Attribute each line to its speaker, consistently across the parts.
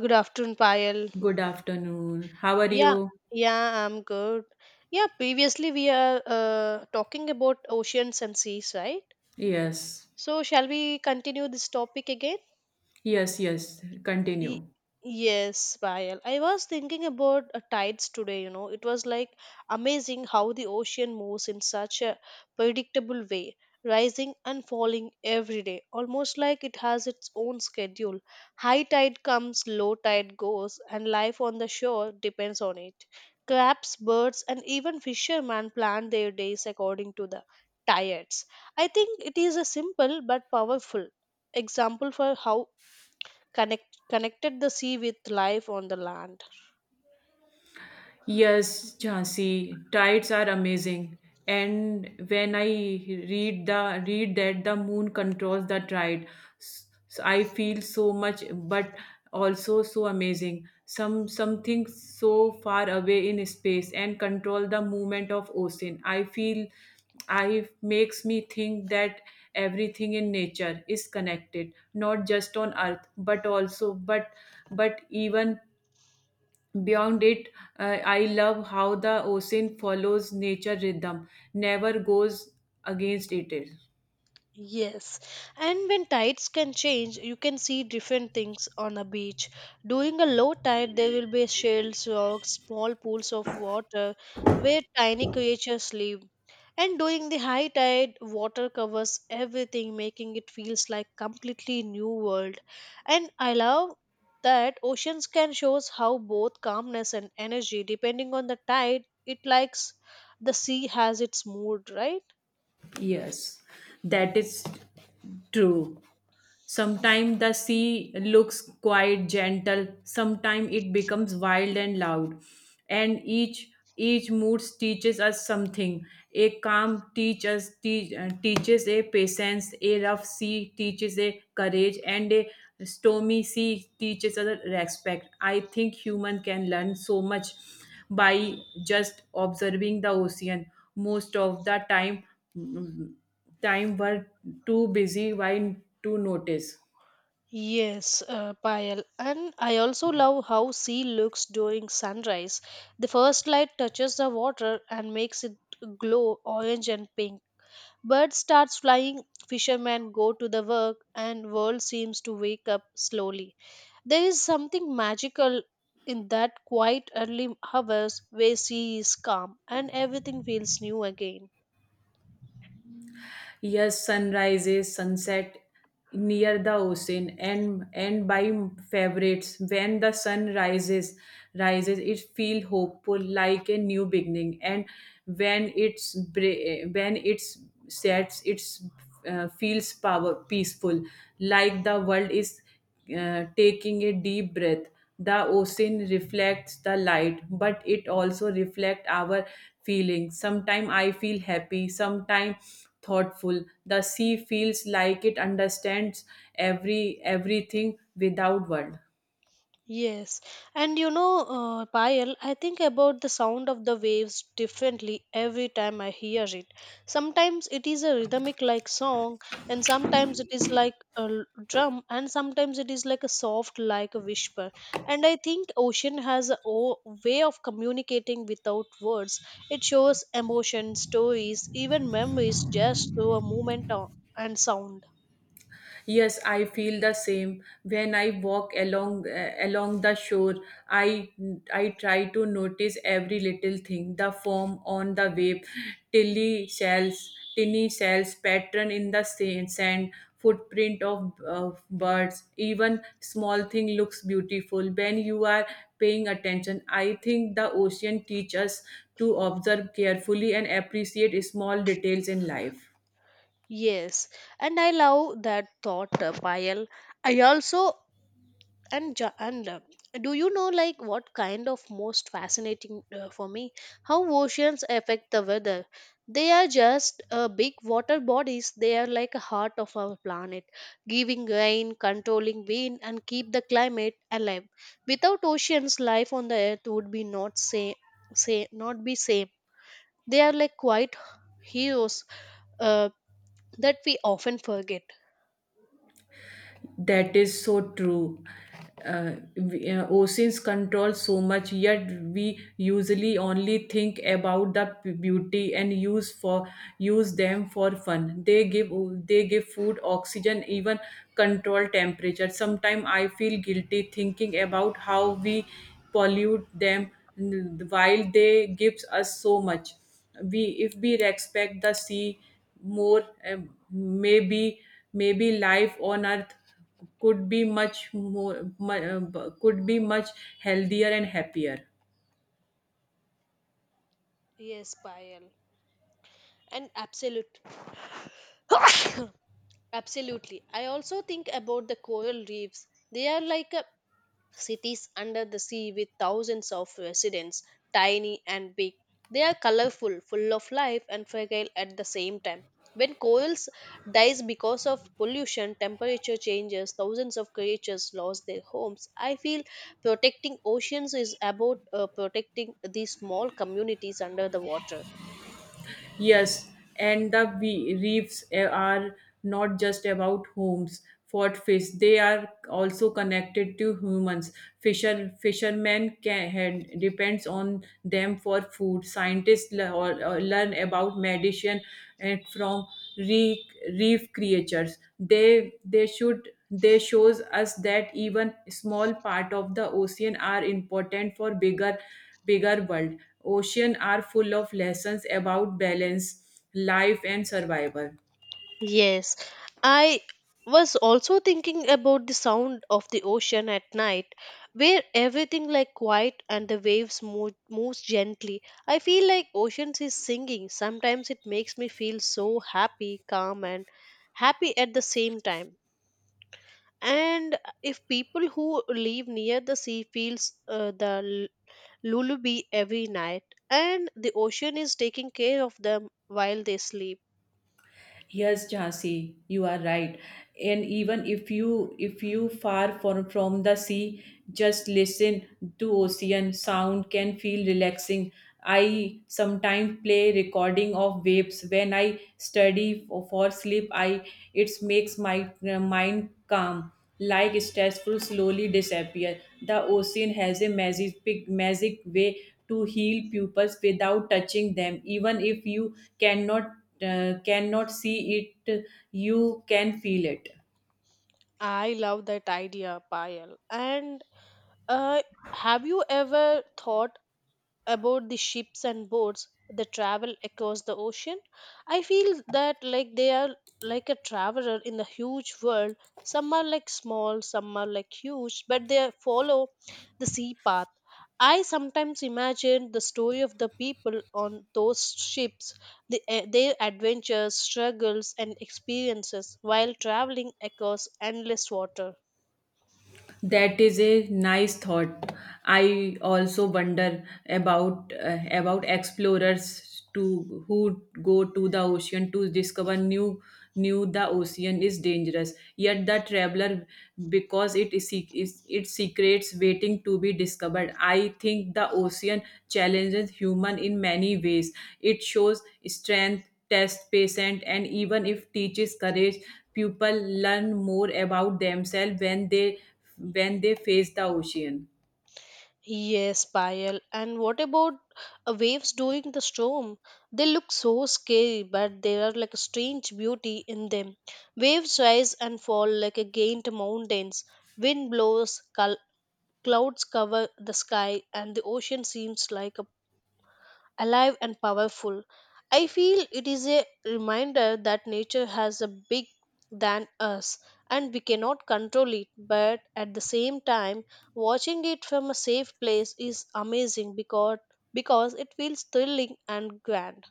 Speaker 1: Good afternoon, Payal.
Speaker 2: Good afternoon. How are
Speaker 1: Yeah,
Speaker 2: you?
Speaker 1: yeah, I'm good. Yeah, previously we are talking about oceans and seas, right?
Speaker 2: Yes.
Speaker 1: So, shall we continue this topic again?
Speaker 2: Yes.
Speaker 1: Y-
Speaker 2: Continue.
Speaker 1: Yes, Payal. I was thinking about tides today, you know. It was like amazing how the ocean moves in such a predictable way, rising and falling every day, almost like it has its own schedule. High tide comes, low tide goes, and life on the shore depends on it. Crabs, birds, and even fishermen plan their days according to the tides. I think it is a simple but powerful example for how connected the sea with life on the land.
Speaker 2: Yes, Jhansi, tides are amazing. And when I read that the moon controls the tide, I feel so much, but also so amazing. Something so far away in space and control the movement of ocean. I feel I makes me think that everything in nature is connected, not just on Earth, but also but even beyond it. I love how the ocean follows nature rhythm, never goes against it.
Speaker 1: Yes, and when tides can change, you can see different things on a beach. During a low tide, there will be shells, rocks, small pools of water where tiny creatures live. And during the high tide, water covers everything, making it feels like completely new world. And I love that oceans can shows how both calmness and energy, depending on the tide, it likes the sea has its mood, right?
Speaker 2: Yes, that is true. Sometimes the sea looks quite gentle, sometimes it becomes wild and loud. And each mood teaches us something. A calm teaches a patience, a rough sea teaches a courage, and a stormy sea teaches us respect. I think human can learn so much by just observing the ocean. Most of the time, time were too busy why to notice.
Speaker 1: Yes, Payal. And I also love how sea looks during sunrise. The first light touches the water and makes it glow orange and pink. Birds start flying, fishermen go to the work, and world seems to wake up slowly. There is something magical in that quiet early hours where sea is calm and everything feels new again.
Speaker 2: Yes, sunrises, sunset near the ocean and by favorites when the sun rises it feel hopeful like a new beginning and when it's sets it's feels power peaceful like the world is taking a deep breath. The ocean reflects the light, but it also reflects our feelings. Sometimes I feel happy, sometimes thoughtful. The sea feels like it understands everything without words.
Speaker 1: Yes, and you know, Payal, I think about the sound of the waves differently every time I hear it. Sometimes it is a rhythmic like song, and sometimes it is like a drum, and sometimes it is like a soft like a whisper. And I think ocean has a way of communicating without words. It shows emotion, stories, even memories just through a movement and sound.
Speaker 2: Yes, I feel the same. When I walk along along the shore, I I try to notice every little thing, the foam on the wave, tinny shells, pattern in the sand, footprint of birds. Even small thing looks beautiful when you are paying attention. I think the ocean teaches us to observe carefully and appreciate small details in life.
Speaker 1: Yes, and I love that thought, Payal. I also and do you know like what kind of most fascinating for me how oceans affect the weather, they are just big water bodies, they are like a heart of our planet, giving rain, controlling wind, and keep the climate alive. Without oceans, life on the earth would be not say say not be same. They are like quite heroes, uh, that we often forget.
Speaker 2: That is so true. Uh, oceans control so much, yet we usually only think about the beauty and use them for fun. They give food, oxygen, even control temperature. Sometimes I feel guilty thinking about how we pollute them while they gives us so much we if we respect the sea more. Um, maybe maybe life on earth could be much healthier and happier.
Speaker 1: Yes, Payal, and absolute absolutely. I also think about the coral reefs. They are like a cities under the sea with thousands of residents, tiny and big. They are colorful, full of life and fragile at the same time. When corals dies because of pollution, temperature changes, thousands of creatures lost their homes. I feel protecting oceans is about protecting these small communities under the water.
Speaker 2: Yes, and reefs are not just about homes for fish. They are also connected to humans. Fishermen depends on them for food. Scientists or learn about medicine from reef, reef creatures. They shows us that even small part of the ocean are important for bigger world. Oceans are full of lessons about balance, life, and survival.
Speaker 1: Yes, I was also thinking about the sound of the ocean at night, where everything like quiet and the waves moves gently. I feel like oceans is singing. Sometimes it makes me feel so happy, calm, and happy at the same time. And if people who live near the sea feels the lullaby every night, and the ocean is taking care of them while they sleep.
Speaker 2: Yes, Jhansi, you are right. And even if you far from the sea, just listen to ocean sound can feel relaxing. I sometimes play recording of waves when I study for sleep. I it makes my mind calm, like stressful slowly disappear. The ocean has a magic way to heal pupils without touching them, even if you cannot see it, you can feel it.
Speaker 1: I love that idea, Payal. And uh, have you ever thought about the ships and boats that travel across the ocean? I feel that like they are like a traveler in the huge world. Some are like small, some are like huge, but they follow the sea path. I sometimes imagine the story of the people on those ships, the, their adventures, struggles, and experiences while traveling across endless water.
Speaker 2: That is a nice thought. I also wonder about explorers to who go to the ocean to discover new the ocean is dangerous. Yet the traveler, because it is se- is- its secrets waiting to be discovered. I think the ocean challenges human in many ways. It shows strength test patient and even if teaches courage people learn more about themselves when they face the ocean.
Speaker 1: Yes, Payal. And what about waves during the storm? They look so scary, but there are like a strange beauty in them. Waves rise and fall like a gained mountains. Wind blows, clouds cover the sky, and the ocean seems like a alive and powerful. I feel it is a reminder that nature has a big than us, and we cannot control it, but at the same time watching it from a safe place is amazing because it feels thrilling and grand.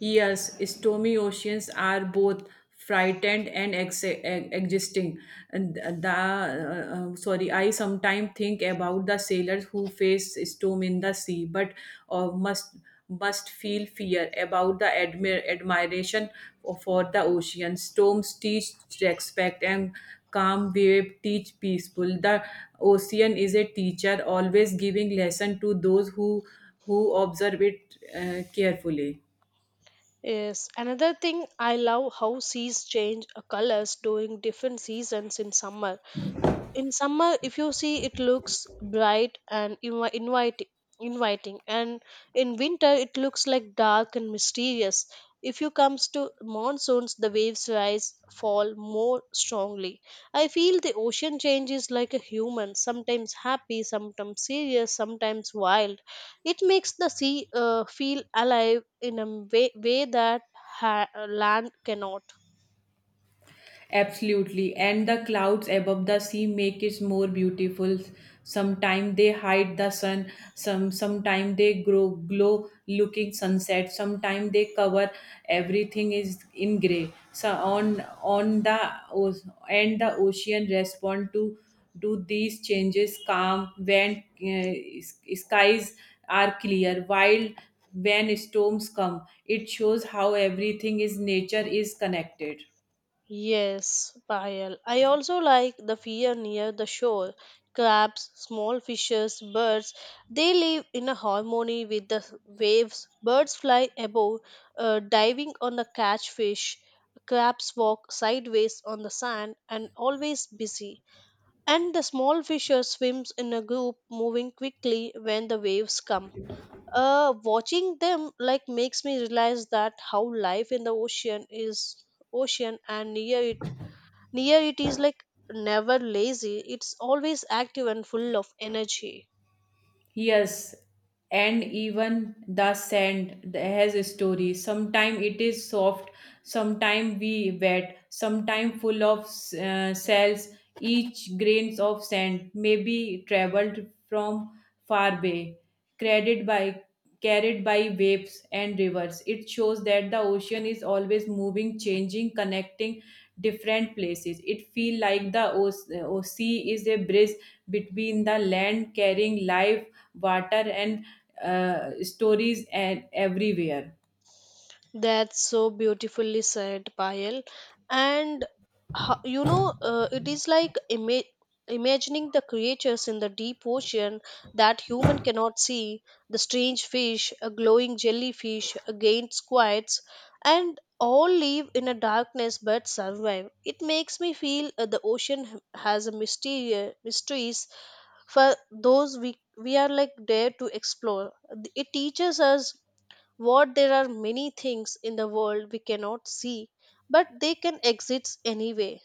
Speaker 2: Yes, stormy oceans are both frightened and existing. And the sorry, I sometimes think about the sailors who face storm in the sea, but uh, must must feel fear about the admiration for the ocean. Storms teach respect and calm wave teach peaceful. The ocean is a teacher, always giving lesson to those who observe it carefully.
Speaker 1: Yes, another thing I love how seas change colors during different seasons in summer. In summer if you see it looks bright and inviting, and in winter it looks like dark and mysterious. If you comes to monsoons the waves rise, fall more strongly. I feel the ocean changes like a human, sometimes happy, sometimes serious, sometimes wild. It makes the sea feel alive in a way that land cannot.
Speaker 2: Absolutely. And the clouds above the sea make it more beautiful. Sometimes they hide the sun, sometimes they grow glow looking sunset, sometimes they cover everything is in grey. On the o- and the ocean respond to do these changes calm when skies are clear while when storms come it shows how everything is nature is connected.
Speaker 1: Yes, Payal. I also like the fear near the shore. Crabs, small fishes, birds, they live in a harmony with the waves. Birds fly above, diving on the catch fish. Crabs walk sideways on the sand and always busy. And the small fishes swims in a group, moving quickly when the waves come. Watching them like makes me realize that how life in the ocean and near it is like never lazy, it's always active and full of energy.
Speaker 2: Yes, and even the sand has a story. Sometimes it is soft, sometimes we wet, sometimes full of cells. Each grains of sand may be traveled from far bay carried by carried by waves and rivers. It shows that the ocean is always moving, changing, connecting different places. It feels like the sea is a bridge between the land, carrying life, water, and stories and everywhere.
Speaker 1: That's so beautifully said, Payal. And you know, it is like imagining the creatures in the deep ocean that human cannot see, the strange fish, a glowing jellyfish, against squids, and all live in a darkness but survive. It makes me feel the ocean has a mysteries for those we are like there to explore. It teaches us what there are many things in the world we cannot see, but they can exist anyway.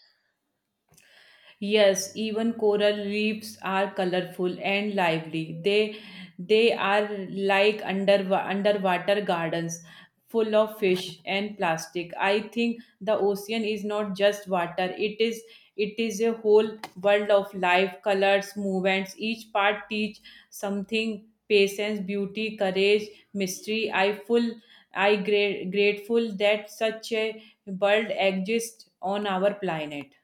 Speaker 2: Yes, even coral reefs are colorful and lively. They are like underwater gardens full of fish and plastic. I think the ocean is not just water. It is a whole world of life, colors, movements. Each part teach something: patience, beauty, courage, mystery. I grateful that such a world exists on our planet.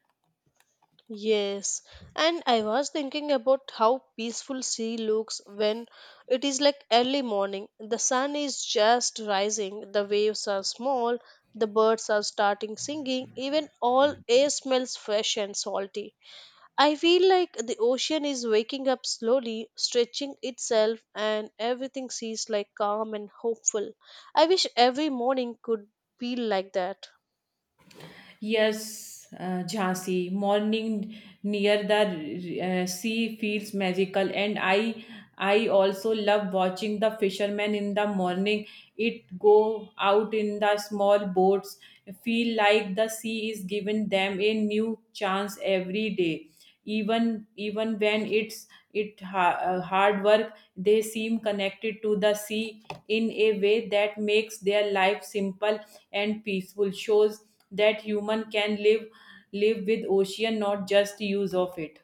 Speaker 1: Yes, and I was thinking about how peaceful sea looks when it is like early morning. The sun is just rising, the waves are small, the birds are starting singing, even all air smells fresh and salty. I feel like the ocean is waking up slowly, stretching itself, and everything seems like calm and hopeful. I wish every morning could be like that.
Speaker 2: Yes, Jhansi, morning near the sea feels magical, and I also love watching the fishermen in the morning. It go out in the small boats, feel like the sea is giving them a new chance every day. Even when it's hard work they seem connected to the sea in a way that makes their life simple and peaceful shows that human can live with ocean not just use of it.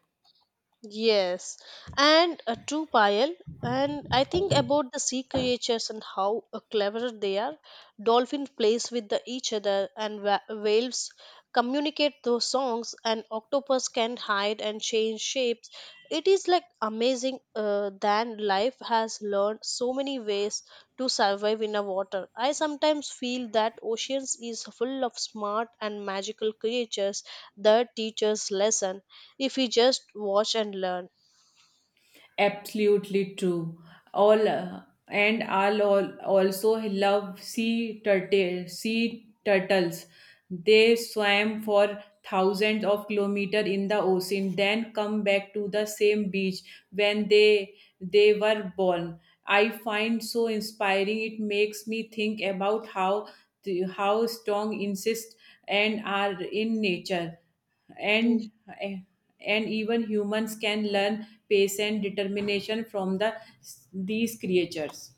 Speaker 1: Yes, and a true pile. And I think about the sea creatures and how clever they are. Dolphin plays with the, each other, and whales communicate those songs, and octopus can hide and change shapes. It is like amazing than life has learned so many ways to survive in a water. I sometimes feel that oceans is full of smart and magical creatures that teach us lesson if we just watch and learn.
Speaker 2: Absolutely true. All and I'll all, also love sea turtles. They swam for thousands of kilometers in the ocean, then come back to the same beach when they were born. I find so inspiring. It makes me think about how strong insist and are in nature
Speaker 1: Mm.
Speaker 2: and eh, and even humans can learn patience determination from these creatures.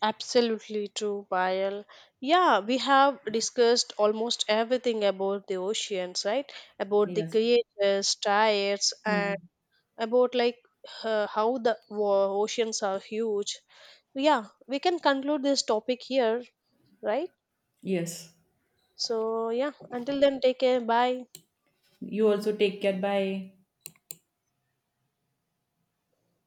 Speaker 1: Absolutely true, Payal. Yeah, we have discussed almost everything about the oceans, right? About the
Speaker 2: Yes.
Speaker 1: creators, tides, and
Speaker 2: Mhm.
Speaker 1: about like how the oceans are huge. Yeah, we can conclude this topic here, right?
Speaker 2: Yes,
Speaker 1: So, yeah, until then, take care. Bye.
Speaker 2: you also take care. Bye.